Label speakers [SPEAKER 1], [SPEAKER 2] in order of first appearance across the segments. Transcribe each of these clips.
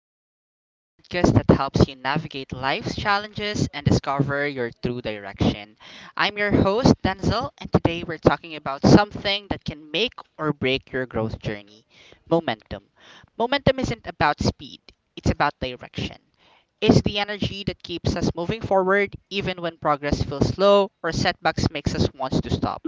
[SPEAKER 1] Compass, the podcast that helps you navigate life's challenges and discover your true direction. I'm your host, Denzel, and today we're talking about something that can make or break your growth journey momentum. Momentum isn't about speed, it's about direction. It's the energy that keeps us moving forward even when progress feels slow or setbacks makes us want to stop.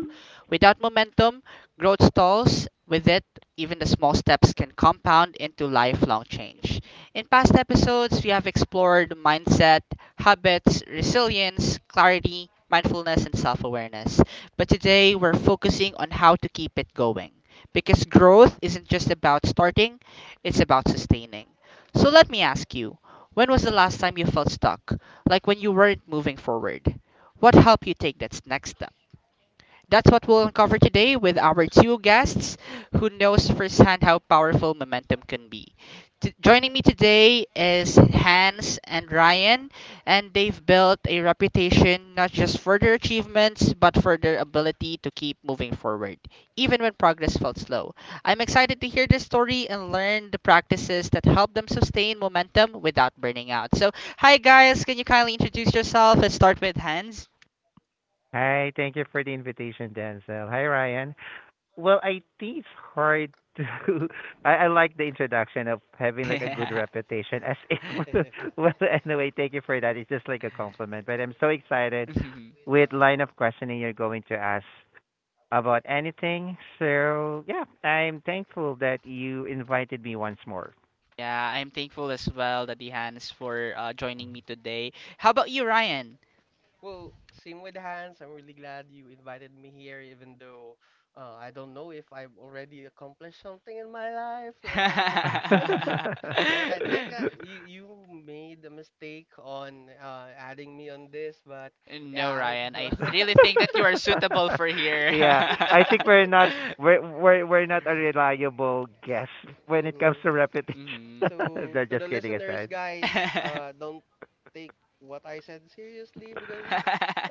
[SPEAKER 1] Without momentum, growth stalls. With it, even the small steps can compound into lifelong change. In past episodes, we have explored mindset, habits, resilience, clarity, mindfulness, and self awareness. But today, we're focusing on how to keep it going. Because growth isn't just about starting, it's about sustaining. So let me ask you, when was the last time you felt stuck? Like when you weren't moving forward? What helped you take that next step? That's what we'll uncover today with our two guests who knows firsthand how powerful momentum can be. Joining me today is Hans and Ryan, and they've built a reputation not just for their achievements but for their ability to keep moving forward, even when progress felt slow. I'm excited to hear their story and learn the practices that help them sustain momentum without burning out. So, hi guys, can you kindly introduce yourself and start with Hans?
[SPEAKER 2] Hi, thank you for the invitation, Denzel. Hi, Ryan. Well, I think it's hard to. I like the introduction of having like a good reputation, as if. well, anyway, thank you for that. It's just like a compliment. But I'm so excited with line of questioning you're going to ask about anything. So yeah, I'm thankful that you invited me once more.
[SPEAKER 1] Yeah, I'm thankful as well, Daddy Hans, for joining me today. How about you, Ryan?
[SPEAKER 3] Well, same with Hans. I'm really glad you invited me here, even though I don't know if I've already accomplished something in my life or I I think uh, you you made a mistake on adding me on this, but
[SPEAKER 1] No,
[SPEAKER 3] yeah.
[SPEAKER 1] Ryan, I really think that you are suitable for here.
[SPEAKER 2] Yeah, I think we're not a reliable guest when it comes
[SPEAKER 3] hmm
[SPEAKER 2] to reputation.
[SPEAKER 1] Mhm.
[SPEAKER 3] So
[SPEAKER 2] No,
[SPEAKER 3] to
[SPEAKER 2] just
[SPEAKER 3] the
[SPEAKER 2] kidding
[SPEAKER 3] listeners,
[SPEAKER 2] aside.
[SPEAKER 3] guys, don't take what I said seriously because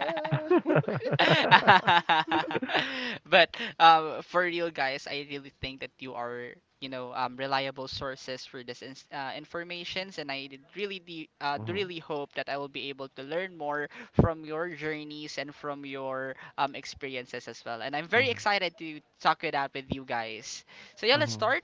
[SPEAKER 3] uh,
[SPEAKER 1] But for real, guys, I really think that you are, you know, reliable sources for this ins informations, and I did really, de do
[SPEAKER 2] Mhm,
[SPEAKER 1] really hope that I will be able to learn more from your journeys and from your experiences as well. And I'm very
[SPEAKER 2] mhm,
[SPEAKER 1] excited to talk it out with you guys. So yeah, let's
[SPEAKER 2] mhm.
[SPEAKER 1] start.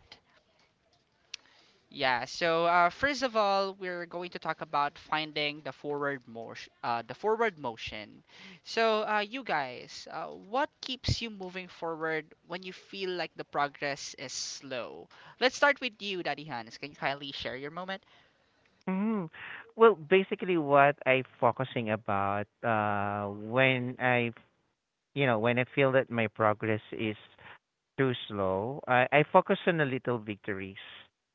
[SPEAKER 1] Yeah, so first of all, we're going to talk about finding the forward motion, the forward motion. So, you guys, what keeps you moving forward when you feel like the progress is slow? Let's start with you, Daddy Hans. Can you kindly share your moment?
[SPEAKER 2] Mhm. Well, basically, what I'm focusing about when I you know when I feel that my progress is too slow. I focus on the little victories,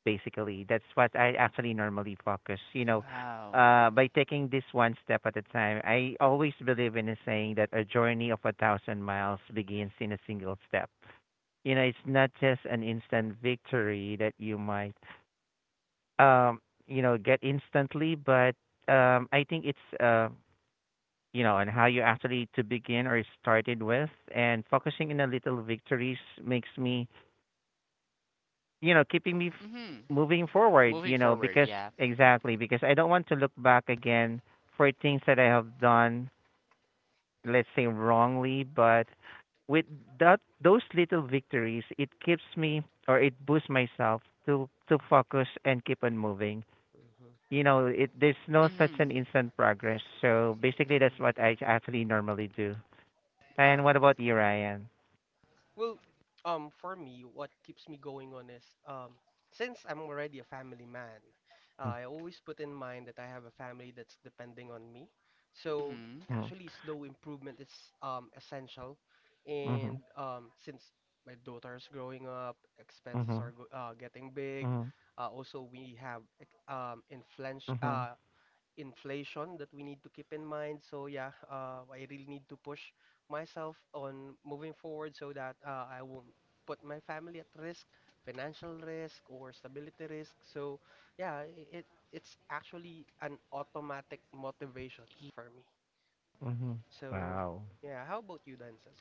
[SPEAKER 2] basically. That's what I actually normally focus. You know,
[SPEAKER 1] Wow.
[SPEAKER 2] by taking this one step at a time, I always believe in a saying that a journey of a thousand miles begins in a single step. You know, it's not just an instant victory that you might, um, you know, get instantly, but I think it's, you know, and how you actually to begin or started with, and focusing in the little victories makes me you know keeping me
[SPEAKER 1] Mhm.
[SPEAKER 2] moving forward
[SPEAKER 1] Moving
[SPEAKER 2] you know
[SPEAKER 1] forward,
[SPEAKER 2] because
[SPEAKER 1] yeah.
[SPEAKER 2] exactly because I don't want to look back again for things that I have done let's say wrongly but with that those little victories it keeps me or it boosts myself to focus and keep on moving
[SPEAKER 3] Mhm,
[SPEAKER 2] you know it there's no such an
[SPEAKER 1] Mhm.
[SPEAKER 2] instant progress so basically that's what
[SPEAKER 3] mhm.
[SPEAKER 2] I actually normally do
[SPEAKER 1] Um.
[SPEAKER 2] and what about you Ryan?
[SPEAKER 3] Well, for me, what keeps me going on is since I'm already a family man, I always put in mind that I have a family that's depending on me. So
[SPEAKER 1] Mhm.
[SPEAKER 2] Mhm,
[SPEAKER 3] actually, slow improvement is essential. And
[SPEAKER 2] mhm,
[SPEAKER 3] since my daughter's growing up, expenses
[SPEAKER 2] mhm,
[SPEAKER 3] are go getting big.
[SPEAKER 2] mhm,
[SPEAKER 3] Also, we have inflation,
[SPEAKER 2] mhm,
[SPEAKER 3] inflation that we need to keep in mind. So yeah, I really need to push myself on moving forward so that I won't put my family at risk, financial risk or stability risk. So yeah, it it's actually an automatic motivation for me.
[SPEAKER 2] mhm,
[SPEAKER 3] So
[SPEAKER 2] wow.
[SPEAKER 3] yeah, how about you, Danson?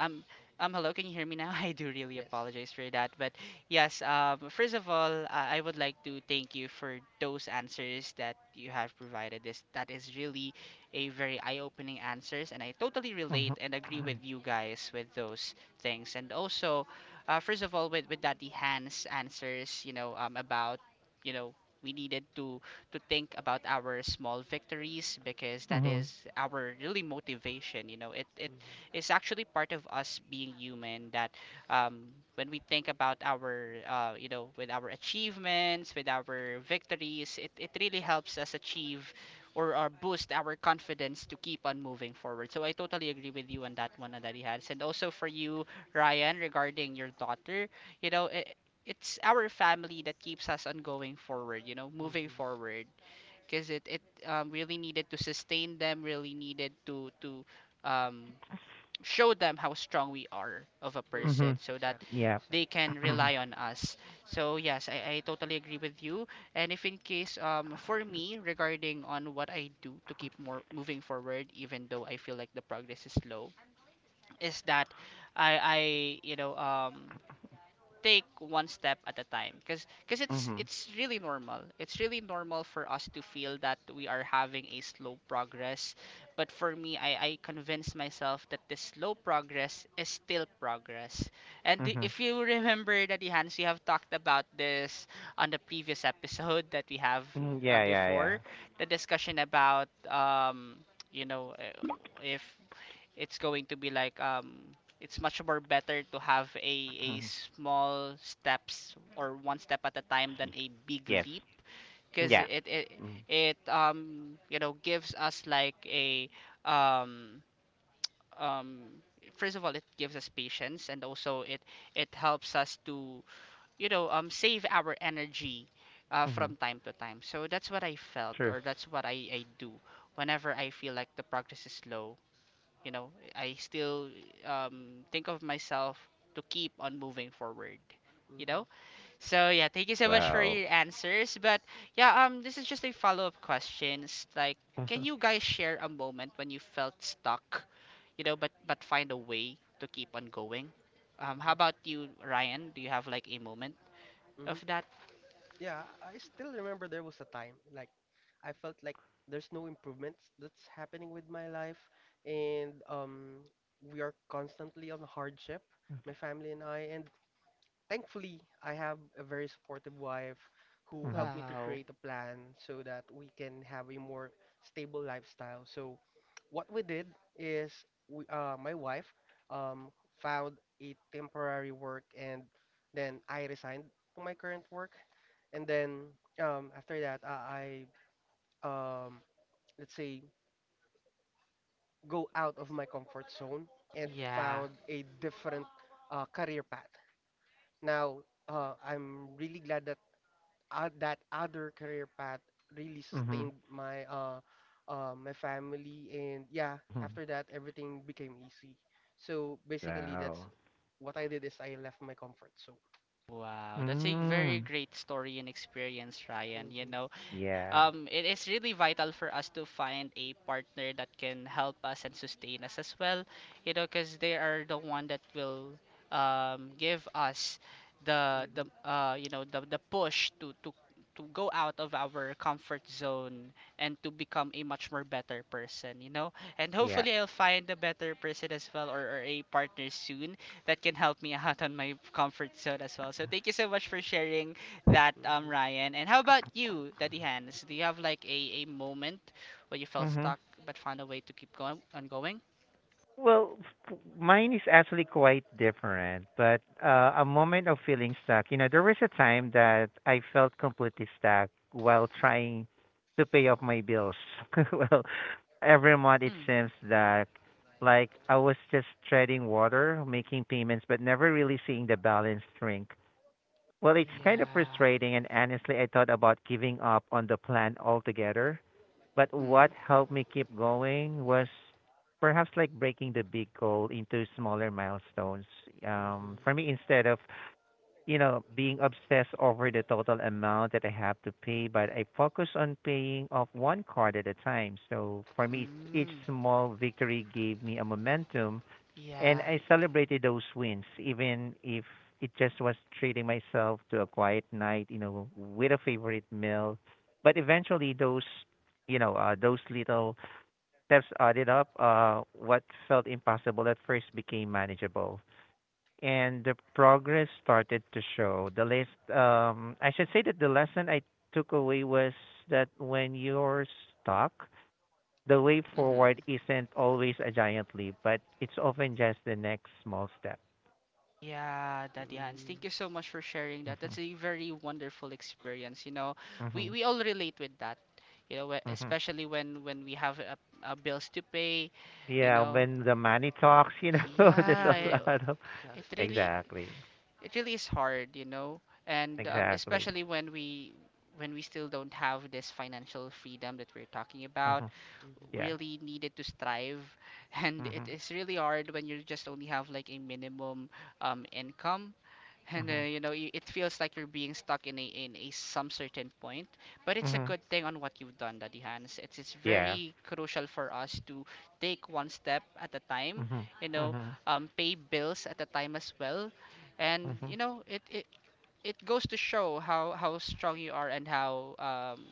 [SPEAKER 1] Um, hello, can you hear me now? I do really
[SPEAKER 3] Yes.
[SPEAKER 1] apologize for that. But yes, first of all, I would like to thank you for those answers that you have provided. This that is really a very eye-opening answers, and I totally
[SPEAKER 2] Mhm.
[SPEAKER 1] relate and agree with you guys with those things. And also, first of all, with that the hands answers, you know, you know. We needed to think about our small victories because that
[SPEAKER 3] Mm-hmm.
[SPEAKER 2] Mhm.
[SPEAKER 1] is our really motivation. You know, it
[SPEAKER 3] Mm-hmm.
[SPEAKER 1] is actually part of us being human that um, when we think about our you know, with our achievements, with our victories, it really helps us achieve or boost our confidence to keep on moving forward. So I totally agree with you on that one, Daddy Hans, and also for you Ryan, regarding your daughter, you know, it, it's our family that keeps us on going forward, you know, moving
[SPEAKER 3] Mm-hmm.
[SPEAKER 1] forward because it really needed to sustain them, really needed to um, show them how strong we are of a
[SPEAKER 3] Mm-hmm.
[SPEAKER 2] Mhm.
[SPEAKER 1] person so that
[SPEAKER 3] Exactly.
[SPEAKER 2] Yeah.
[SPEAKER 1] they
[SPEAKER 3] Exactly.
[SPEAKER 1] can
[SPEAKER 2] Mhm.
[SPEAKER 1] rely on us. So yes, I totally agree with you. And if in case for me, regarding on what I do to keep more moving forward even though I feel like the progress is slow, is that I I take one step at a time because it's
[SPEAKER 2] Mhm.
[SPEAKER 1] really normal for us to feel that we are having a slow progress, but for me I convinced myself that this slow progress is still progress.
[SPEAKER 2] Mhm.
[SPEAKER 1] If you remember that, Hans, we have talked about this on the previous episode that we have
[SPEAKER 2] Mm, yeah, yeah, yeah.
[SPEAKER 1] before. The discussion about if it's going to be like it's much more better to have a
[SPEAKER 2] Mhm.
[SPEAKER 1] small steps or one step at a time than a big
[SPEAKER 2] Yes.
[SPEAKER 1] leap, because
[SPEAKER 2] Yeah.
[SPEAKER 1] it it
[SPEAKER 2] Mhm.
[SPEAKER 1] it you know, gives us like a um um first of all, it gives us patience, and also it helps us to you know, save our energy
[SPEAKER 2] Mhm.
[SPEAKER 1] from time to time. So that's what I felt,
[SPEAKER 2] True.
[SPEAKER 1] or that's what I do whenever I feel like the progress is slow. You know, I still think of myself to keep on moving forward, you
[SPEAKER 3] Mm-hmm.
[SPEAKER 1] know. So yeah, thank you so much for
[SPEAKER 2] Wow.
[SPEAKER 1] your answers. But yeah, this is just a follow-up question. It's like, can
[SPEAKER 2] Mhm.
[SPEAKER 1] you guys share a moment when you felt stuck, you know, but find a way to keep on going? How
[SPEAKER 3] Mm-hmm.
[SPEAKER 1] about you, Ryan? Do you have like a moment of
[SPEAKER 3] Mm-hmm.
[SPEAKER 1] that?
[SPEAKER 3] Yeah, I still remember there was a time like I felt like there's no improvements that's happening with my life, and we are constantly on hardship, my family and I, and thankfully, I have a very supportive wife who
[SPEAKER 2] Mhm.
[SPEAKER 3] helped me to
[SPEAKER 1] Wow,
[SPEAKER 3] create a plan so that we can have a more stable lifestyle. So, what we did is we, my wife um, found a temporary work and then I resigned to my current work. And then after that, I um, let's say, go out of my comfort zone and
[SPEAKER 1] yeah.
[SPEAKER 3] found a different career path. Now, I'm really glad that that other career path really
[SPEAKER 2] Mhm.
[SPEAKER 3] sustained my my family, and yeah,
[SPEAKER 2] Mhm.
[SPEAKER 3] after that everything became easy. So basically that's
[SPEAKER 2] Wow.
[SPEAKER 3] what I did is I left my comfort zone.
[SPEAKER 1] Wow, that's a very
[SPEAKER 2] Mm.
[SPEAKER 1] great story and experience, Ryan. You
[SPEAKER 3] Mhm,
[SPEAKER 1] know,
[SPEAKER 2] Yeah.
[SPEAKER 1] it is really vital for us to find a partner that can help us and sustain us as well, you know, because they are the one that will give us the the
[SPEAKER 3] mhm,
[SPEAKER 1] uh, you know, the push to to go out of our comfort zone and to become a much more better person, you know. And
[SPEAKER 2] Yeah.
[SPEAKER 1] hopefully I'll find a better person as well, or a partner soon that can help me out on my comfort zone as well. So thank you so much for sharing that,
[SPEAKER 3] mhm,
[SPEAKER 1] Ryan. And how about you, Daddy Hans? Do you have like a moment where you felt
[SPEAKER 2] Mhm.
[SPEAKER 1] stuck but found a way to keep going on going?
[SPEAKER 2] Well, mine is actually quite different, but a moment of feeling stuck. You know, there was a time that I felt completely stuck while trying to pay off my bills. well, every month it
[SPEAKER 1] Mm.
[SPEAKER 2] seems that like I was just treading water, making payments, but never really seeing the balance shrink. Well, it's kind of
[SPEAKER 1] Yeah.
[SPEAKER 2] frustrating, and honestly, I thought about giving up on the plan altogether. But
[SPEAKER 1] Mm.
[SPEAKER 2] what helped me keep going was perhaps like breaking the big goal into smaller milestones.
[SPEAKER 3] mhm,
[SPEAKER 2] For me, instead of you know being obsessed over the total amount that I have to pay, but I focus on paying off one card at a time. So for me, each
[SPEAKER 1] Mm.
[SPEAKER 2] small victory gave me a momentum and
[SPEAKER 1] Yeah.
[SPEAKER 2] I celebrated those wins, even if it just was treating myself to a quiet night, you know, with a favorite meal. But eventually, those, you know, those little steps added up. What felt impossible at first became manageable, and the progress started to show. The list, I should say that the lesson I took away was that when you're stuck, the way forward
[SPEAKER 1] Mm-hmm.
[SPEAKER 2] isn't always a giant leap, but it's often just the next small step.
[SPEAKER 1] Yeah, Daddy Hans,
[SPEAKER 3] mhm,
[SPEAKER 1] thank you so much for sharing that. That's
[SPEAKER 2] Mhm,
[SPEAKER 1] a very wonderful experience. You know,
[SPEAKER 2] mhm,
[SPEAKER 1] we all relate with that. You know,
[SPEAKER 2] mhm.
[SPEAKER 1] especially when we have bills to pay. You
[SPEAKER 2] Yeah,
[SPEAKER 1] know,
[SPEAKER 2] when the money talks, you know, there's
[SPEAKER 1] yeah,
[SPEAKER 2] a
[SPEAKER 3] mhm.
[SPEAKER 2] lot of
[SPEAKER 1] it
[SPEAKER 3] Exactly.
[SPEAKER 1] really.
[SPEAKER 2] exactly,
[SPEAKER 1] it really is hard, you know, and
[SPEAKER 2] exactly.
[SPEAKER 1] especially when we still don't have this financial freedom that we're talking about,
[SPEAKER 2] Mhm,
[SPEAKER 3] Mhm,
[SPEAKER 2] yeah.
[SPEAKER 1] really needed to strive, and it
[SPEAKER 2] Mhm,
[SPEAKER 1] is really hard when you just only have like a minimum income, and
[SPEAKER 2] mhm,
[SPEAKER 1] you know, you, it feels like you're being stuck in a some certain point. But it's a
[SPEAKER 2] mhm.
[SPEAKER 1] good thing on what you've done, Daddy Hans. It's
[SPEAKER 2] Yeah.
[SPEAKER 1] very crucial for us to take one step at a time,
[SPEAKER 2] Mhm,
[SPEAKER 1] you know,
[SPEAKER 2] mhm,
[SPEAKER 1] pay bills at a time as well. And
[SPEAKER 2] mhm,
[SPEAKER 1] you know, it goes to show how strong you are, and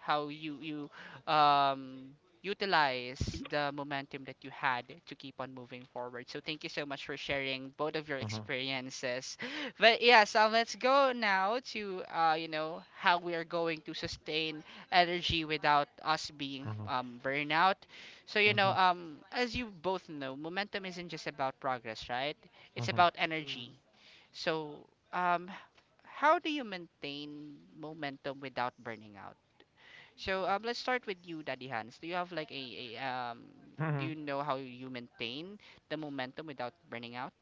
[SPEAKER 1] how you you um utilize the momentum that you had to keep on moving forward. So thank you so much for sharing both of your
[SPEAKER 2] mhm,
[SPEAKER 1] experiences. But yeah, so let's go now to you know, how we are going to sustain energy without us being
[SPEAKER 2] mhm,
[SPEAKER 1] burnout. So you know,
[SPEAKER 2] mhm,
[SPEAKER 1] as you both know, momentum isn't just about progress, right? It's
[SPEAKER 2] mhm,
[SPEAKER 1] about
[SPEAKER 3] mhm,
[SPEAKER 1] energy. So, um, how do you maintain momentum without burning out? So, let's start with you, Daddy Hans. Do you have like a do
[SPEAKER 2] mhm.
[SPEAKER 1] you know how you maintain the momentum without burning out?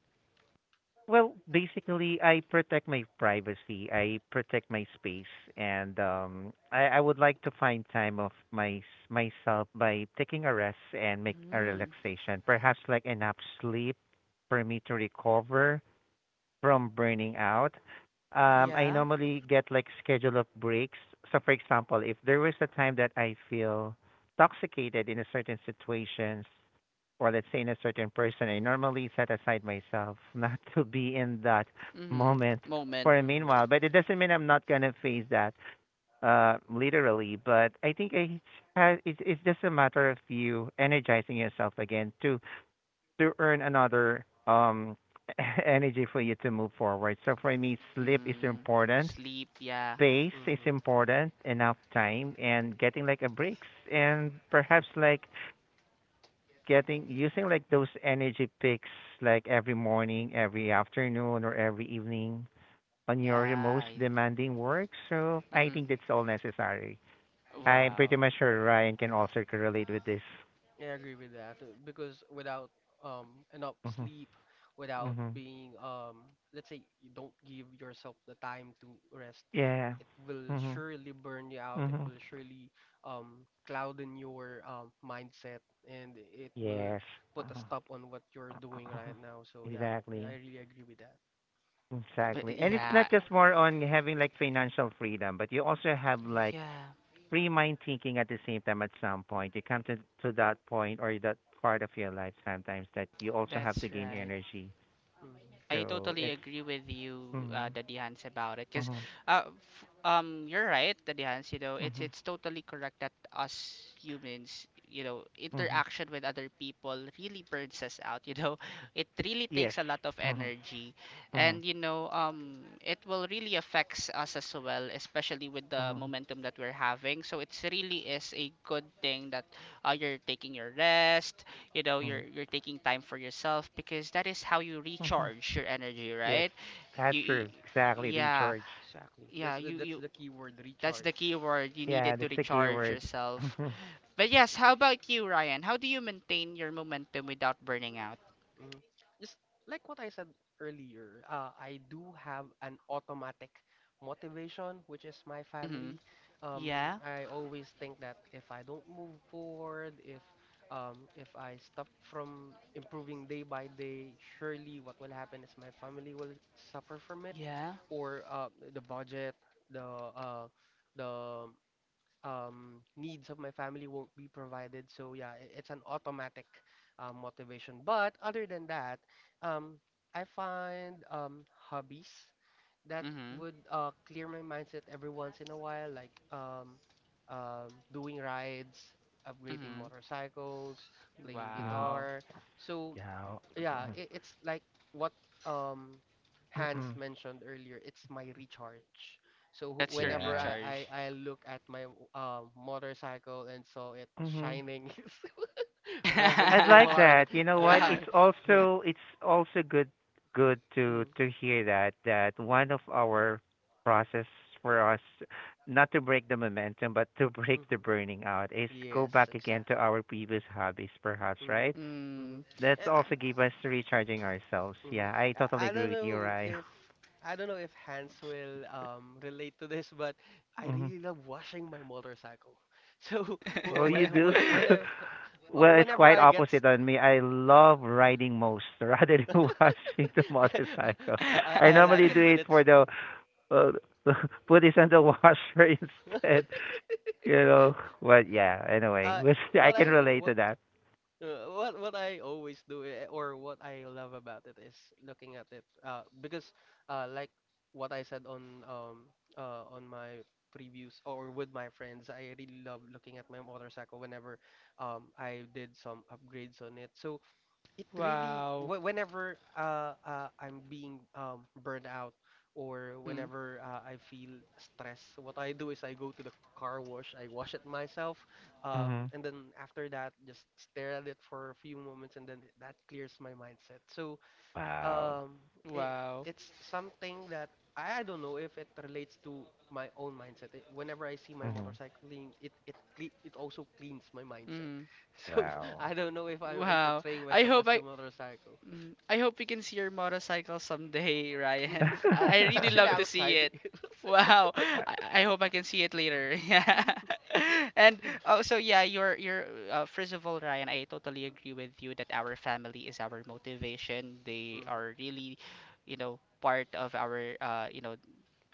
[SPEAKER 2] Well, basically, I protect my privacy. I protect my space, and I would like to find time of my myself by taking a rest and make a
[SPEAKER 1] Mm,
[SPEAKER 2] relaxation, perhaps like enough sleep for me to recover from burning out. I
[SPEAKER 1] yeah.
[SPEAKER 2] normally get like schedule of breaks. So for example, if there was a time that I feel toxicated in a certain situations or let's say in a certain person, I normally set aside myself not to be in that
[SPEAKER 1] Mm-hmm.
[SPEAKER 2] moment
[SPEAKER 1] Moment.
[SPEAKER 2] for a
[SPEAKER 3] mhm,
[SPEAKER 2] meanwhile. But it doesn't mean I'm not gonna face that literally. But I think it's it's just a matter of you energizing yourself again to earn another energy for you to move forward. So for me, sleep is
[SPEAKER 1] Mm,
[SPEAKER 2] important,
[SPEAKER 1] sleep. Yeah.
[SPEAKER 2] pace is
[SPEAKER 3] mhm,
[SPEAKER 2] important, enough time, and getting like a breaks, and perhaps like getting using like those energy picks like every morning, every afternoon, or every evening on
[SPEAKER 1] Yeah.
[SPEAKER 2] your
[SPEAKER 3] mhm.
[SPEAKER 2] most
[SPEAKER 1] I,
[SPEAKER 2] demanding work. So I
[SPEAKER 1] mm-hmm.
[SPEAKER 2] think that's all necessary.
[SPEAKER 3] Mhm.
[SPEAKER 2] I'm pretty
[SPEAKER 1] Wow.
[SPEAKER 2] much sure Ryan can also correlate with this.
[SPEAKER 3] Yeah, I agree with that because without enough
[SPEAKER 2] Mhm.
[SPEAKER 3] sleep, without
[SPEAKER 2] Mhm.
[SPEAKER 3] being, let's say, you don't give yourself the time to rest,
[SPEAKER 2] Yeah.
[SPEAKER 3] it will
[SPEAKER 2] Mhm.
[SPEAKER 3] surely burn you out. It
[SPEAKER 2] Mhm.
[SPEAKER 3] will surely clouden your mindset, and it will
[SPEAKER 2] Yes.
[SPEAKER 3] put a
[SPEAKER 2] Uh-huh.
[SPEAKER 3] stop on what you're
[SPEAKER 2] Uh-huh.
[SPEAKER 3] doing
[SPEAKER 2] Uh-huh.
[SPEAKER 3] right now. So yeah, I
[SPEAKER 2] Exactly.
[SPEAKER 3] really agree with that.
[SPEAKER 1] But
[SPEAKER 2] Exactly. And it's
[SPEAKER 1] yeah.
[SPEAKER 2] not just more on having like financial freedom, but you also have like
[SPEAKER 1] Yeah.
[SPEAKER 2] free mind thinking at the same time at some point. You come to that point or that part of your life sometimes that you also have to
[SPEAKER 1] That's
[SPEAKER 2] gain
[SPEAKER 1] right.
[SPEAKER 2] energy.
[SPEAKER 3] Hmm.
[SPEAKER 1] I
[SPEAKER 2] So
[SPEAKER 1] totally
[SPEAKER 2] it's
[SPEAKER 1] agree with you,
[SPEAKER 2] mhm.
[SPEAKER 1] Daddy Hans, about it. Because,
[SPEAKER 2] Mhm.
[SPEAKER 1] f you're right, Daddy Hans. You know,
[SPEAKER 2] Mhm.
[SPEAKER 1] it's totally correct that us humans, you know,
[SPEAKER 2] Mhm.
[SPEAKER 1] interaction with other people really burns us out. You know, it really
[SPEAKER 2] Yes.
[SPEAKER 1] takes a lot of
[SPEAKER 2] Mhm.
[SPEAKER 1] energy,
[SPEAKER 2] Mhm.
[SPEAKER 1] and you know, it will really affects us as well, especially with the
[SPEAKER 2] Mhm.
[SPEAKER 1] momentum that we're having. So it's really is a good thing that you're taking your rest, you know,
[SPEAKER 2] Mhm.
[SPEAKER 1] you're taking time for yourself, because that is how you
[SPEAKER 2] Mhm.
[SPEAKER 1] recharge your energy,
[SPEAKER 2] Yes.
[SPEAKER 1] right?
[SPEAKER 2] That's
[SPEAKER 1] you you-
[SPEAKER 2] true. Exactly.
[SPEAKER 1] yeah.
[SPEAKER 2] Recharge.
[SPEAKER 3] Exactly.
[SPEAKER 1] Yeah, you
[SPEAKER 3] That's
[SPEAKER 1] you
[SPEAKER 3] the key word,
[SPEAKER 1] that's
[SPEAKER 3] recharge.
[SPEAKER 1] the key word, you
[SPEAKER 2] Yeah,
[SPEAKER 1] needed to
[SPEAKER 2] that's the
[SPEAKER 3] Hmm.
[SPEAKER 2] key
[SPEAKER 1] recharge
[SPEAKER 2] word.
[SPEAKER 1] yourself.
[SPEAKER 2] Mhm.
[SPEAKER 1] But yes, how about you, Ryan? How do you maintain your momentum without burning out?
[SPEAKER 3] Mm. Just like what I said earlier, I do have an automatic motivation, which is my
[SPEAKER 1] Mhm.
[SPEAKER 3] family.
[SPEAKER 1] Yeah,
[SPEAKER 3] I always think that if I don't move forward, if I stop from improving day by day, surely what will happen is my family will suffer from it,
[SPEAKER 1] yeah.
[SPEAKER 3] or the budget, the uh, the needs of my family won't be provided. So yeah, it's an automatic motivation. But other than that, um, I find hobbies that
[SPEAKER 1] Mhm.
[SPEAKER 3] would clear my mindset every once in a while, like doing rides, upgrading
[SPEAKER 1] Mhm.
[SPEAKER 3] motorcycles, playing
[SPEAKER 2] Mhm.
[SPEAKER 1] Wow,
[SPEAKER 3] guitar. So
[SPEAKER 2] Yeah.
[SPEAKER 3] yeah, it, it's like what um Hans mentioned earlier. It's my recharge. So wh-
[SPEAKER 1] that's your
[SPEAKER 3] whenever
[SPEAKER 2] Yeah.
[SPEAKER 3] I,
[SPEAKER 1] recharge.
[SPEAKER 3] I I look at my motorcycle and saw it
[SPEAKER 2] Hmm.
[SPEAKER 3] shining, revving
[SPEAKER 2] I'd
[SPEAKER 3] too
[SPEAKER 2] like
[SPEAKER 3] hard,
[SPEAKER 2] that. You know what?
[SPEAKER 3] yeah.
[SPEAKER 2] It's also good to
[SPEAKER 3] Mhm,
[SPEAKER 2] hear that that one of
[SPEAKER 3] mhm,
[SPEAKER 2] our process for us not to break the momentum but to break the
[SPEAKER 3] mhm.
[SPEAKER 2] burning out is go
[SPEAKER 3] Yes,
[SPEAKER 2] back again to
[SPEAKER 3] exactly.
[SPEAKER 2] our previous hobbies perhaps,
[SPEAKER 3] Mm-hmm.
[SPEAKER 2] right?
[SPEAKER 3] Mm-hmm.
[SPEAKER 1] Mm.
[SPEAKER 2] That's
[SPEAKER 3] I,
[SPEAKER 2] also give us recharging ourselves.
[SPEAKER 3] hmm
[SPEAKER 2] Yeah, I totally
[SPEAKER 3] I
[SPEAKER 2] agree
[SPEAKER 3] don't
[SPEAKER 2] with you,
[SPEAKER 3] know
[SPEAKER 2] Ryan.
[SPEAKER 3] if I don't know if Hans will relate to this, but I really love washing my motorcycle. So
[SPEAKER 2] Well, you
[SPEAKER 3] when,
[SPEAKER 2] do.
[SPEAKER 3] whenever
[SPEAKER 2] Well, it's
[SPEAKER 3] whenever
[SPEAKER 2] quite
[SPEAKER 3] I get
[SPEAKER 2] opposite
[SPEAKER 3] st
[SPEAKER 2] on me. I love riding most rather than watching the motorcycle.
[SPEAKER 3] I,
[SPEAKER 2] I
[SPEAKER 3] I like
[SPEAKER 2] normally
[SPEAKER 3] it
[SPEAKER 2] do
[SPEAKER 3] when
[SPEAKER 2] it
[SPEAKER 3] it's
[SPEAKER 2] for the uh, put it on the washer instead. You know, but yeah. Anyway,
[SPEAKER 3] uh
[SPEAKER 2] I
[SPEAKER 3] what
[SPEAKER 2] can
[SPEAKER 3] I
[SPEAKER 2] relate
[SPEAKER 3] what
[SPEAKER 2] to that.
[SPEAKER 3] what I always do, or what I love about it is looking at it because like what I said on my previews or with my friends, I really love looking at my motorcycle whenever I did some upgrades on it. So it really
[SPEAKER 1] Wow.
[SPEAKER 3] whenever I'm being burned out or
[SPEAKER 1] Mm.
[SPEAKER 3] whenever I feel stress, what I do is I go to the car wash, I wash it myself, and
[SPEAKER 2] Hmm.
[SPEAKER 3] then after that, just stare at it for a few moments, and then that clears my mindset. So
[SPEAKER 2] Wow.
[SPEAKER 3] um it
[SPEAKER 1] Wow.
[SPEAKER 3] it's something that I don't know if it relates to my own mindset. Whenever I see my
[SPEAKER 2] Hmm.
[SPEAKER 3] motorcycling, it also cleans my mindset.
[SPEAKER 1] Mm.
[SPEAKER 3] So
[SPEAKER 2] Wow.
[SPEAKER 3] I don't know if I'm
[SPEAKER 1] Wow.
[SPEAKER 3] portraying
[SPEAKER 1] I
[SPEAKER 3] myself
[SPEAKER 1] hope
[SPEAKER 3] as the
[SPEAKER 1] I,
[SPEAKER 3] motorcycle.
[SPEAKER 1] mm, I hope we can see your motorcycle someday, Ryan. I
[SPEAKER 3] It's
[SPEAKER 1] really
[SPEAKER 3] actually
[SPEAKER 1] love to see
[SPEAKER 3] outside.
[SPEAKER 1] it. Wow. I hope I can see it later. Yeah.
[SPEAKER 3] Mhm,
[SPEAKER 1] And oh, so yeah, you're first of all, Ryan, I totally agree with you that our family is our motivation. They
[SPEAKER 3] mhm,
[SPEAKER 1] are really, you know, part of our you know,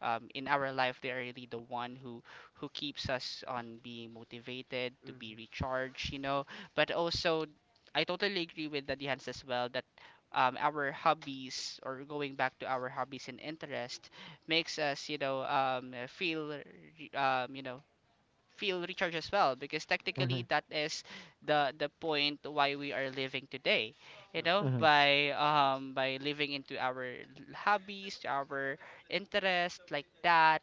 [SPEAKER 1] in our life they are really the one who keeps us on being motivated to be
[SPEAKER 3] mhm,
[SPEAKER 1] recharged, you know, but also I totally agree with the Hans as well that our hobbies or going back to our hobbies and interest makes us, you know, feel you know, feel recharge as well, because
[SPEAKER 2] Hmm,
[SPEAKER 1] technically that is the point why we are living today, you
[SPEAKER 3] mhm,
[SPEAKER 1] know,
[SPEAKER 2] hmm,
[SPEAKER 1] by living into our hobbies, our interest, like that.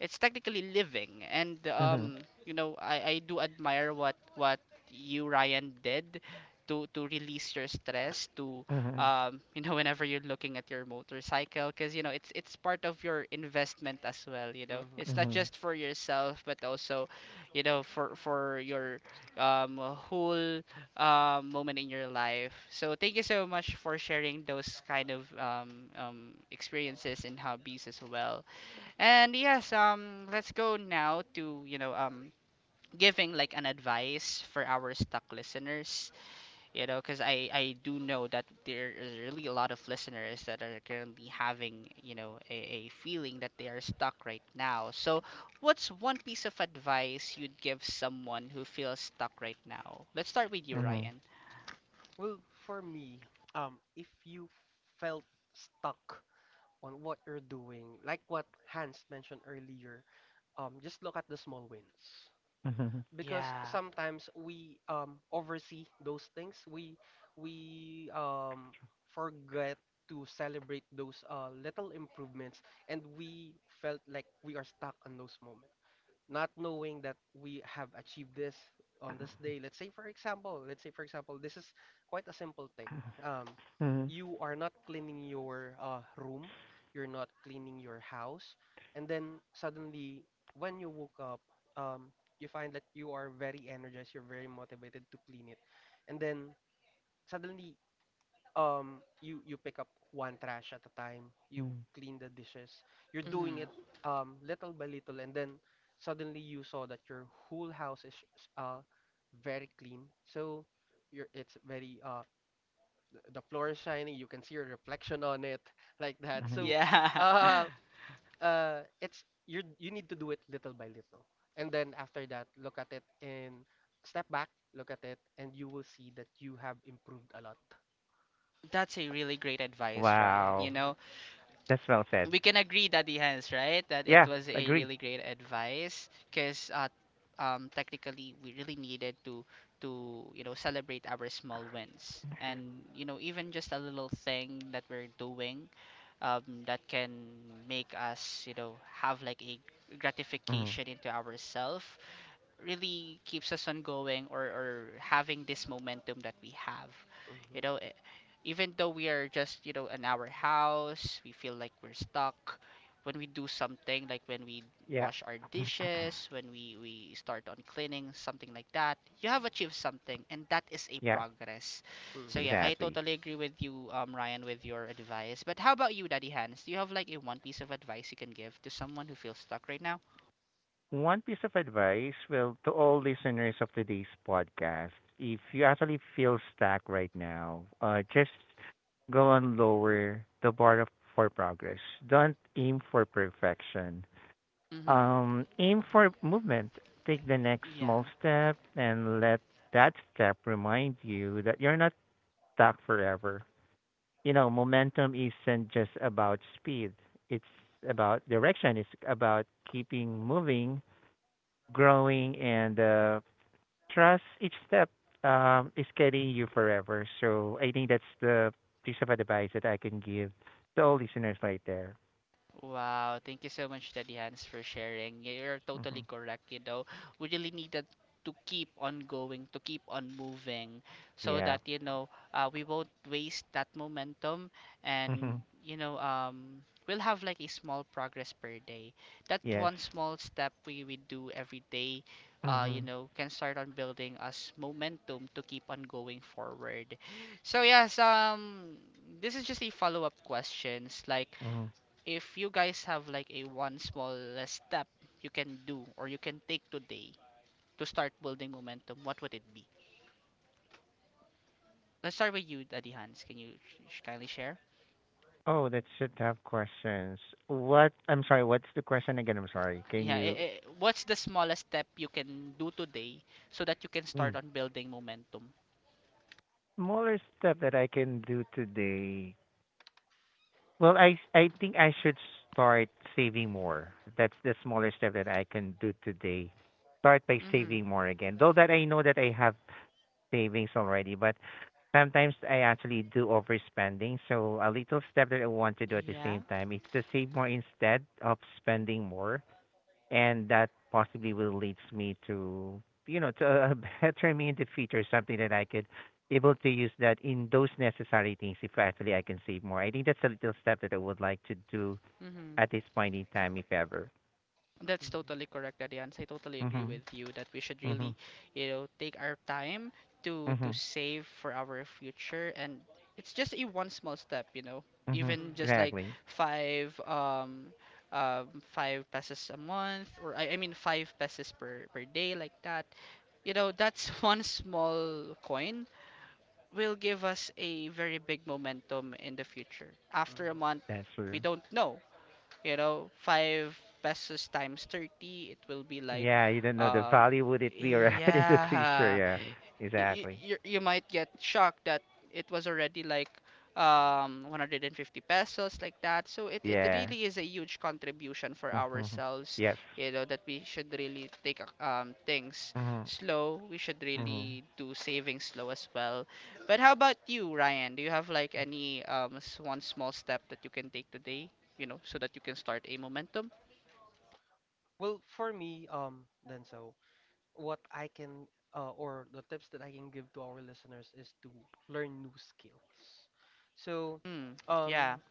[SPEAKER 1] It's technically living. And
[SPEAKER 2] hmm,
[SPEAKER 1] you know, I do admire what you, Ryan, did to release your stress, to
[SPEAKER 2] hmm,
[SPEAKER 1] you know, whenever you're looking at your motorcycle, because you know it's part of your investment as well. You know, it's
[SPEAKER 3] mhm.
[SPEAKER 1] not
[SPEAKER 2] hmm,
[SPEAKER 1] just for yourself, but also you know, for your whole moment in your life. So thank you so much for sharing those kind of experiences and hobbies as well. And yes, let's go now to, you know, giving like an advice for our stuck listeners, you know, because I do know that there is really a lot of listeners that are currently having, you know, a feeling that they are stuck right now. So what's one piece of advice you'd give someone who feels stuck right now? Let's start with you,
[SPEAKER 2] hmm,
[SPEAKER 1] Ryan.
[SPEAKER 3] Well, for me, if you felt stuck on what you're doing, like what Hans mentioned earlier, just look at the small wins. Because
[SPEAKER 1] Yeah.
[SPEAKER 3] sometimes we oversee those things, we forget to celebrate those little improvements, and we felt like we are stuck on those moments, not knowing that we have achieved this on this day. Let's say, for example, let's say, for example, this is quite a simple thing. Um,
[SPEAKER 2] hmm,
[SPEAKER 3] you are not cleaning your room, you're not cleaning your house, and then suddenly, when you woke up, um, you find that you are very energized, you're very motivated to clean it, and then suddenly you pick up one trash at a time, you clean the dishes, you're
[SPEAKER 1] Mm,
[SPEAKER 3] doing it little by little, and then suddenly you saw that your whole house is very clean. So you're, it's very the floor is shiny, you can see your reflection on it like that. So
[SPEAKER 2] hmm.
[SPEAKER 1] yeah.
[SPEAKER 3] uh it's, you need to do it little by little, and then after that look at it and step back, look at it, and you will see that you have improved a lot.
[SPEAKER 1] That's a really great advice, Ryan, you
[SPEAKER 2] Wow.
[SPEAKER 1] know.
[SPEAKER 3] Hmm.
[SPEAKER 2] That's well said.
[SPEAKER 1] We can agree, Daddy Hans, right? That it
[SPEAKER 2] Yeah,
[SPEAKER 1] was a
[SPEAKER 3] Hmm.
[SPEAKER 2] agree.
[SPEAKER 1] really great advice, because technically we really needed to you know, celebrate our small wins, and you
[SPEAKER 3] Hmm.
[SPEAKER 1] know, even just a little thing that we're doing, that can make us, you know, have like a
[SPEAKER 2] Hmm.
[SPEAKER 1] gratification into ourselves, really keeps us on going, or having this momentum that we have, you
[SPEAKER 3] Mhm,
[SPEAKER 1] know, even though we are just, you know, in our house, we feel like we're stuck. When we do something, like when we
[SPEAKER 2] Yeah,
[SPEAKER 1] wash our dishes, when we start on cleaning, something like that, you have achieved something, and that is a
[SPEAKER 2] yeah,
[SPEAKER 1] progress.
[SPEAKER 3] mhm,
[SPEAKER 1] So, yeah, I
[SPEAKER 2] exactly.
[SPEAKER 1] totally agree with you, Ryan, with your advice. But how about you, Daddy Hans? Do you have like a one piece of advice you can give to someone who feels stuck right now?
[SPEAKER 2] One piece of advice, well, to all listeners of today's podcast, if you actually feel stuck right now, just go on lower the bar of, for progress. Don't aim for perfection.
[SPEAKER 1] Mm-hmm.
[SPEAKER 2] Aim for movement. Take the next
[SPEAKER 1] Yeah.
[SPEAKER 2] small step and let that step remind you that you're not stuck forever. You know, momentum isn't just about speed. It's about direction. It's about keeping moving, growing, and trust each step is carrying you forever. So I think that's the piece of advice that I can give to all listeners right there.
[SPEAKER 1] Wow, thank you so much, Daddy Hans, for sharing. You're
[SPEAKER 2] Hmm.
[SPEAKER 1] totally correct. You know, we really needed to keep on going, to keep on moving, so
[SPEAKER 2] Yeah.
[SPEAKER 1] that you know we won't waste that momentum, and
[SPEAKER 2] Hmm.
[SPEAKER 1] you know we'll have like a small progress per day. That
[SPEAKER 2] Yes.
[SPEAKER 1] one small step we do every day,
[SPEAKER 2] Hmm,
[SPEAKER 1] you know, can start on building us momentum to keep on going forward. So yes, this is just a follow-up questions like
[SPEAKER 2] hmm.
[SPEAKER 1] if you guys have like a one small step you can do or you can take today to start building momentum, what would it be? Let's start with you, Daddy Hans. Can you kindly share?
[SPEAKER 2] Oh, that's a tough questions. What? I'm sorry. What's the question again? I'm sorry. Can
[SPEAKER 1] Yeah,
[SPEAKER 2] you?
[SPEAKER 1] what's the smallest step you can do today so that you can
[SPEAKER 2] Mm.
[SPEAKER 1] start on building momentum?
[SPEAKER 2] Smaller step that I can do today. Well, I think I should start saving more. That's the smaller step that I can do today. Start by
[SPEAKER 1] Mm-hmm.
[SPEAKER 2] saving more again. Though that I know that I have savings already, but sometimes I actually do overspending. So a little step that I want to do at the
[SPEAKER 1] Yeah.
[SPEAKER 2] same time is to save more instead of spending more and that possibly will leads me to you know to a better me in the future, something that I could able to use that in those necessary things if actually I can save more. I think that's a little step that I would like to do
[SPEAKER 1] Mm-hmm.
[SPEAKER 2] at this point in time, if ever.
[SPEAKER 1] That's
[SPEAKER 3] mhm,
[SPEAKER 1] totally correct, Adiance. I totally agree
[SPEAKER 2] Mhm.
[SPEAKER 1] with you that we should really,
[SPEAKER 2] Mhm.
[SPEAKER 1] you know, take our time to
[SPEAKER 2] Mhm.
[SPEAKER 1] save for our future, and it's just a one small step, you know,
[SPEAKER 2] Mhm.
[SPEAKER 1] even
[SPEAKER 3] mhm,
[SPEAKER 1] just like
[SPEAKER 2] Exactly.
[SPEAKER 1] five um five pesos a month, or I mean five pesos per day, like that. You know, that's one small coin will give us a very big momentum in the future. After a
[SPEAKER 3] mhm.
[SPEAKER 1] month,
[SPEAKER 2] That's
[SPEAKER 1] we
[SPEAKER 2] true.
[SPEAKER 1] don't know, you know, 5 pesos times 30, it will be like,
[SPEAKER 2] Yeah, you don't know the
[SPEAKER 1] um,
[SPEAKER 2] value would it be around in the future.
[SPEAKER 1] yeah,
[SPEAKER 2] Yeah. Exactly.
[SPEAKER 1] you might get shocked that it was already like 150 pesos, like that. So it
[SPEAKER 2] Yeah.
[SPEAKER 1] really is a huge contribution for
[SPEAKER 2] Mhm.
[SPEAKER 1] ourselves,
[SPEAKER 2] Yes.
[SPEAKER 1] you know, that we should really things
[SPEAKER 2] Mhm.
[SPEAKER 1] slow. We should
[SPEAKER 2] Mhm.
[SPEAKER 1] really do savings slow as well. But how about you, Ryan? Do you have like any one small step that you can take today, you know, so that you can start a momentum?
[SPEAKER 3] Well, for me, Denzel, what I can or the tips that I can give to our listeners is to learn new skills. So,
[SPEAKER 1] Hmm. yeah
[SPEAKER 3] um,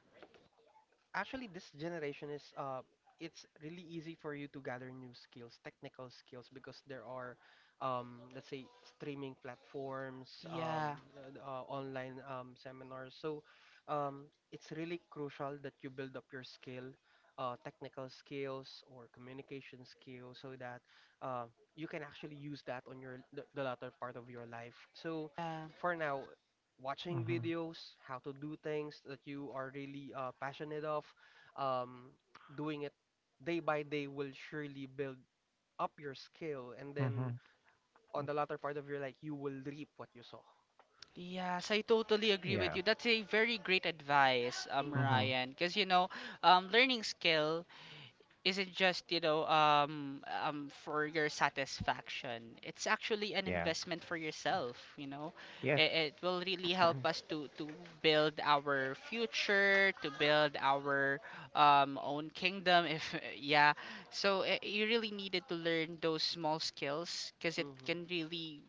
[SPEAKER 3] actually, this generation is it's really easy for you to gather new skills, technical skills, because there are, let's say, streaming platforms,
[SPEAKER 1] yeah
[SPEAKER 3] online seminars. So, um, it's really crucial that you build up your skill, technical skills or communication skills, so that uh, you can actually use that on your the latter part of your life. So,
[SPEAKER 1] yeah
[SPEAKER 3] for now, watching
[SPEAKER 2] Mhm.
[SPEAKER 3] videos, how to do things that you are really passionate of, um, doing it day by day will surely build up your skill, and then
[SPEAKER 2] Mhm.
[SPEAKER 3] on the latter part of your life, you will reap what you sow.
[SPEAKER 1] Yes, I totally agree
[SPEAKER 2] Yeah.
[SPEAKER 1] with you. That's a very great advice,
[SPEAKER 2] Mhm.
[SPEAKER 3] Mm-hmm.
[SPEAKER 1] Ryan. Because you know, learning skill isn't just you know for your satisfaction. It's actually an
[SPEAKER 2] Yeah.
[SPEAKER 1] investment for yourself, you know.
[SPEAKER 2] Yes.
[SPEAKER 1] It will really help us to build our future, to build our own kingdom. if Yeah. So you really needed to learn those small skills, because it
[SPEAKER 3] Mm-hmm.
[SPEAKER 1] can really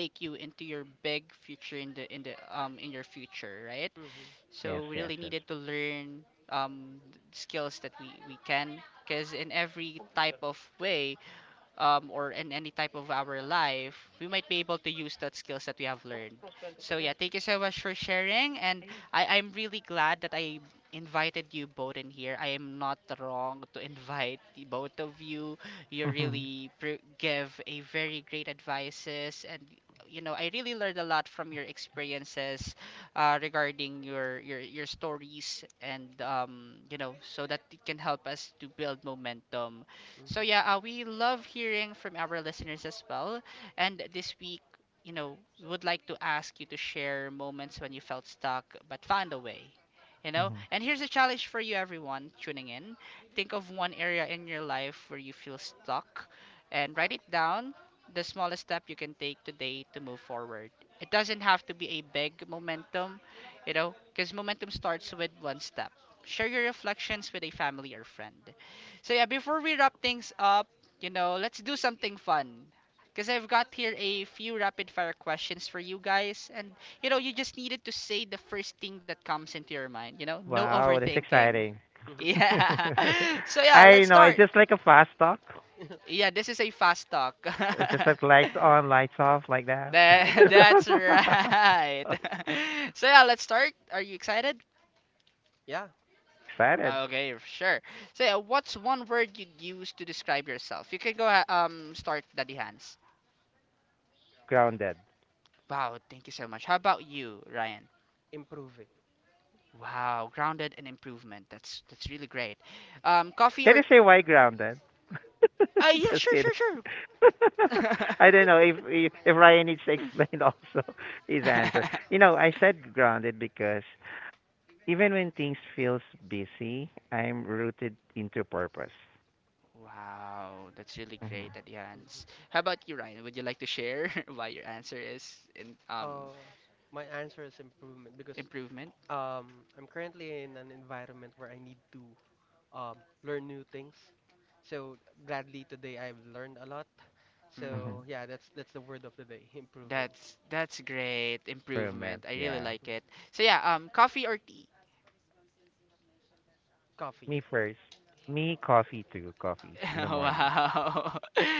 [SPEAKER 1] take you into your big future, in the in your future, right?
[SPEAKER 3] Mm-hmm.
[SPEAKER 2] Yes,
[SPEAKER 1] So we
[SPEAKER 2] yes,
[SPEAKER 1] really
[SPEAKER 2] yes.
[SPEAKER 1] needed to learn um, skills that we can, because in every type of way, or in any type of our life, we might be able to use that skills that we have learned. So yeah, thank you so much for sharing, and I'm really glad that I invited you both in here. I am not wrong to invite the both of you. You
[SPEAKER 2] Mhm.
[SPEAKER 1] really give a very great advices, and you know I really learned a lot from your experiences regarding your stories, and you know, so that it can help us to build momentum. So yeah, we love hearing from our listeners as well. And this week, you know, we would like to ask you to share moments when you felt stuck but found a way. You know,
[SPEAKER 2] Mhm.
[SPEAKER 1] and here's a challenge for you, everyone tuning in. Think of one area in your life where you feel stuck, and write it down. The smallest step you can take today to move forward. It doesn't have to be a big momentum, you know, because momentum starts with one step. Share your reflections with a family or friend. So yeah, before we wrap things up, you know, let's do something fun, because I've got here a few rapid fire questions for you guys. And, you know, you just needed to say the first thing that comes into your mind, you know? No
[SPEAKER 2] Wow, that's
[SPEAKER 1] overthinking.
[SPEAKER 2] exciting.
[SPEAKER 3] Mm-hmm.
[SPEAKER 1] Yeah. So yeah,
[SPEAKER 2] I
[SPEAKER 1] let's
[SPEAKER 2] know, it's
[SPEAKER 1] start.
[SPEAKER 2] just like a fast talk.
[SPEAKER 3] Mm-hmm.
[SPEAKER 1] Yeah, this is a fast talk.
[SPEAKER 2] It's just like lights on, lights off, like that.
[SPEAKER 1] That, that's right. So yeah, let's start. Are you excited?
[SPEAKER 3] Yeah,
[SPEAKER 2] Excited,
[SPEAKER 1] Okay, sure. So yeah, what's one word you'd use to describe yourself? You can go start, Daddy Hans.
[SPEAKER 2] grounded.
[SPEAKER 1] Wow, thank you so much. How about you, Ryan?
[SPEAKER 3] improving.
[SPEAKER 1] Wow, grounded and improvement. That's really great. Coffee or
[SPEAKER 2] Can you say why grounded?
[SPEAKER 1] yeah,
[SPEAKER 2] Just kidding.
[SPEAKER 1] sure.
[SPEAKER 2] I don't know if Ryan needs to explain also his answer. You know, I said grounded because even when things feels busy, I'm rooted into purpose.
[SPEAKER 1] Wow, that's really
[SPEAKER 2] Mm-hmm.
[SPEAKER 1] great, Adians.
[SPEAKER 3] Mhm.
[SPEAKER 1] How about you, Ryan? Would you like to share why your answer is in
[SPEAKER 3] Uh, my answer is improvement because
[SPEAKER 1] improvement?
[SPEAKER 3] I'm currently in an environment where I need to um, learn new things. So gladly today I've learned a lot.
[SPEAKER 1] Mm,
[SPEAKER 2] Mm-hmm.
[SPEAKER 3] So yeah, that's the word of the day, improving.
[SPEAKER 1] that's great
[SPEAKER 2] Roommate,
[SPEAKER 1] improvement. I really
[SPEAKER 2] yeah.
[SPEAKER 1] like
[SPEAKER 3] Mm.
[SPEAKER 1] it. So yeah, coffee or tea?
[SPEAKER 3] Coffee.
[SPEAKER 2] Me first. Me coffee too. Coffee in the morning.
[SPEAKER 3] Hmm.
[SPEAKER 1] Wow.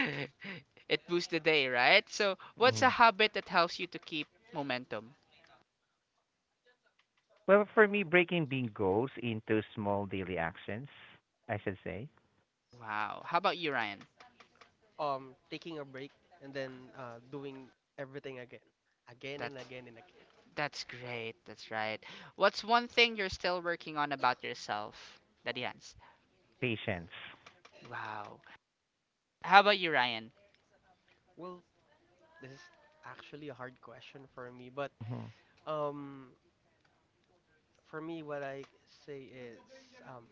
[SPEAKER 1] It boosts the day, right? So, what's
[SPEAKER 2] Mm-hmm.
[SPEAKER 1] a
[SPEAKER 3] Hmm.
[SPEAKER 1] habit that helps you to keep momentum?
[SPEAKER 2] Well, for me, breaking big goals into small daily actions. I should say
[SPEAKER 1] Wow. How about you, Ryan?
[SPEAKER 3] Taking a break and then doing everything again, again
[SPEAKER 1] That
[SPEAKER 3] and again and again.
[SPEAKER 1] that's great. That's right. What's one thing you're still working on about yourself? Daddy Hans.
[SPEAKER 2] patience.
[SPEAKER 1] Wow. How about you, Ryan?
[SPEAKER 3] Well, this is actually a hard question for me, but
[SPEAKER 2] Hmm.
[SPEAKER 3] um, for me, what I say is um,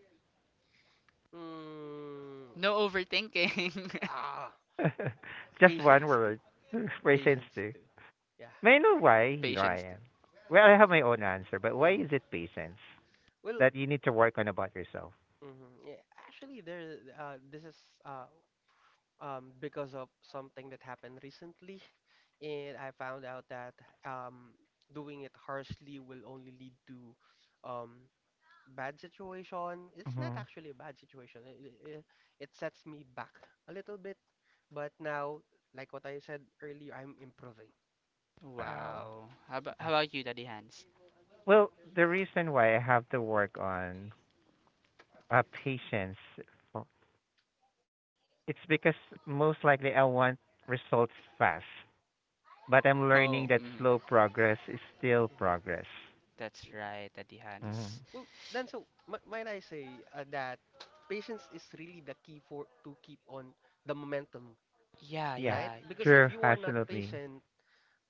[SPEAKER 3] mm,
[SPEAKER 1] No overthinking.
[SPEAKER 3] ah,
[SPEAKER 2] Just one
[SPEAKER 3] patience too,
[SPEAKER 2] word. Patience
[SPEAKER 3] patience
[SPEAKER 2] too.
[SPEAKER 3] too. Yeah.
[SPEAKER 2] May I know why,
[SPEAKER 1] Patience.
[SPEAKER 2] Ryan? Well, I have my own answer, but why is it
[SPEAKER 3] Hmm.
[SPEAKER 2] patience
[SPEAKER 3] Well,
[SPEAKER 2] that you need to work on about yourself?
[SPEAKER 3] mhm. Yeah, actually, there. This is uh, because of something that happened recently, and I found out that um, doing it harshly will only lead to um, bad situation. It's not
[SPEAKER 2] Hmm.
[SPEAKER 3] actually a bad situation. It sets me back a little bit, but now, like what I said earlier, I'm improving.
[SPEAKER 2] Wow.
[SPEAKER 1] Wow. How about you, Daddy Hans?
[SPEAKER 2] Well, the reason why I have to work on patience, for- it's because most likely I want results fast, but I'm learning
[SPEAKER 1] Oh,
[SPEAKER 2] that
[SPEAKER 1] mm,
[SPEAKER 2] slow progress is still
[SPEAKER 3] Mhm,
[SPEAKER 2] progress.
[SPEAKER 1] that's
[SPEAKER 3] mhm.
[SPEAKER 1] right, Daddy
[SPEAKER 2] Hmm.
[SPEAKER 1] Hans.
[SPEAKER 3] Well, then, so might I say that patience is really the key for to keep on the momentum,
[SPEAKER 1] Yeah,
[SPEAKER 2] Yeah,
[SPEAKER 3] right?
[SPEAKER 1] yeah,
[SPEAKER 3] Because if
[SPEAKER 2] true,
[SPEAKER 3] you are not
[SPEAKER 2] absolutely.
[SPEAKER 3] patient,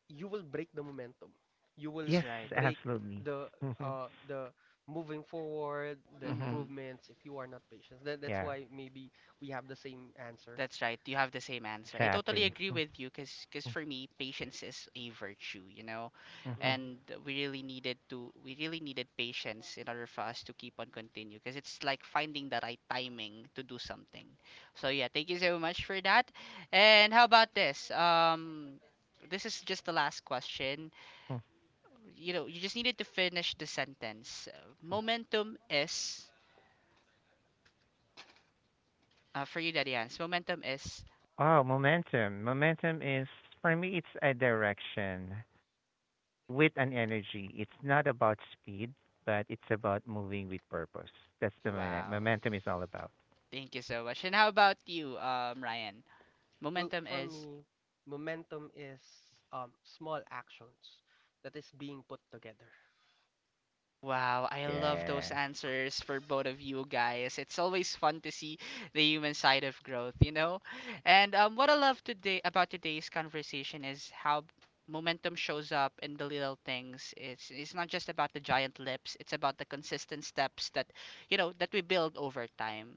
[SPEAKER 3] you will break the momentum. You will
[SPEAKER 1] that's
[SPEAKER 2] Yes,
[SPEAKER 1] right.
[SPEAKER 3] break
[SPEAKER 2] absolutely.
[SPEAKER 3] the
[SPEAKER 2] Hmm,
[SPEAKER 3] uh the moving forward, the
[SPEAKER 2] hmm.
[SPEAKER 1] Mm-hmm.
[SPEAKER 3] improvements, if you are not patient. That that's
[SPEAKER 2] Yeah,
[SPEAKER 3] why maybe we have the same answer.
[SPEAKER 1] That's right. You have the same answer. I totally
[SPEAKER 2] exactly.
[SPEAKER 3] Hmm.
[SPEAKER 1] agree
[SPEAKER 2] Mm-hmm.
[SPEAKER 1] with you, because for me patience is a virtue, you know.
[SPEAKER 2] Mm-hmm. Mm-hmm.
[SPEAKER 3] Hmm.
[SPEAKER 1] And we really needed patience in order for us to keep on continue, because it's like finding the right timing to do something. So yeah, thank you so much for that. And how about this? Um, this is just the last question. You know, you just needed to finish the sentence. Momentum is for you, Daddy Hans. Momentum is.
[SPEAKER 2] Oh, momentum. Momentum is, for me, it's a direction. With an energy. It's not about speed, but it's about moving with purpose. That's the
[SPEAKER 1] Wow.
[SPEAKER 2] momentum is all about.
[SPEAKER 1] Thank you so much. And how about you, Ryan?
[SPEAKER 3] Well,
[SPEAKER 1] Momentum
[SPEAKER 3] for
[SPEAKER 1] is.
[SPEAKER 3] me, momentum is small actions that is being put together.
[SPEAKER 1] Wow, I love those
[SPEAKER 2] Yes.
[SPEAKER 1] answers for both of you guys. It's always fun to see the human side of growth, you know? And what I love today about today's conversation is how momentum shows up in the little things. It's not just about the giant leaps, it's about the consistent steps that, you know, that we build over time.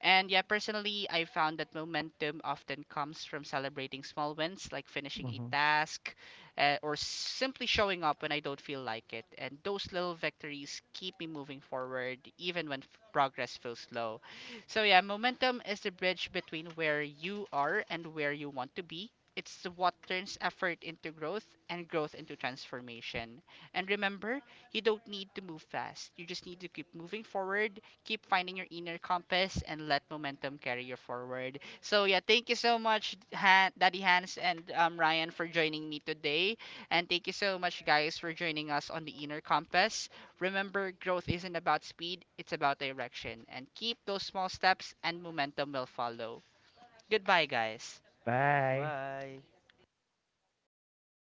[SPEAKER 1] And yeah, personally, I found that momentum often comes from celebrating small wins, like finishing a
[SPEAKER 2] Hmm.
[SPEAKER 1] task, or simply showing up when I don't feel like it. And those little victories keep me moving forward, even when progress feels slow. So yeah, momentum is the bridge between where you are and where you want to be. It's what turns effort into growth and growth into transformation. And remember, you don't need to move fast. You just need to keep moving forward, keep finding your inner compass, and let momentum carry you forward. So yeah, thank you so much, Daddy Hans, and Ryan, for joining me today, and thank you so much, guys, for joining us on the Inner Compass. Remember, growth isn't about speed; it's about direction. And keep those small steps, and momentum will follow. Goodbye, guys.
[SPEAKER 2] Bye.
[SPEAKER 3] Bye.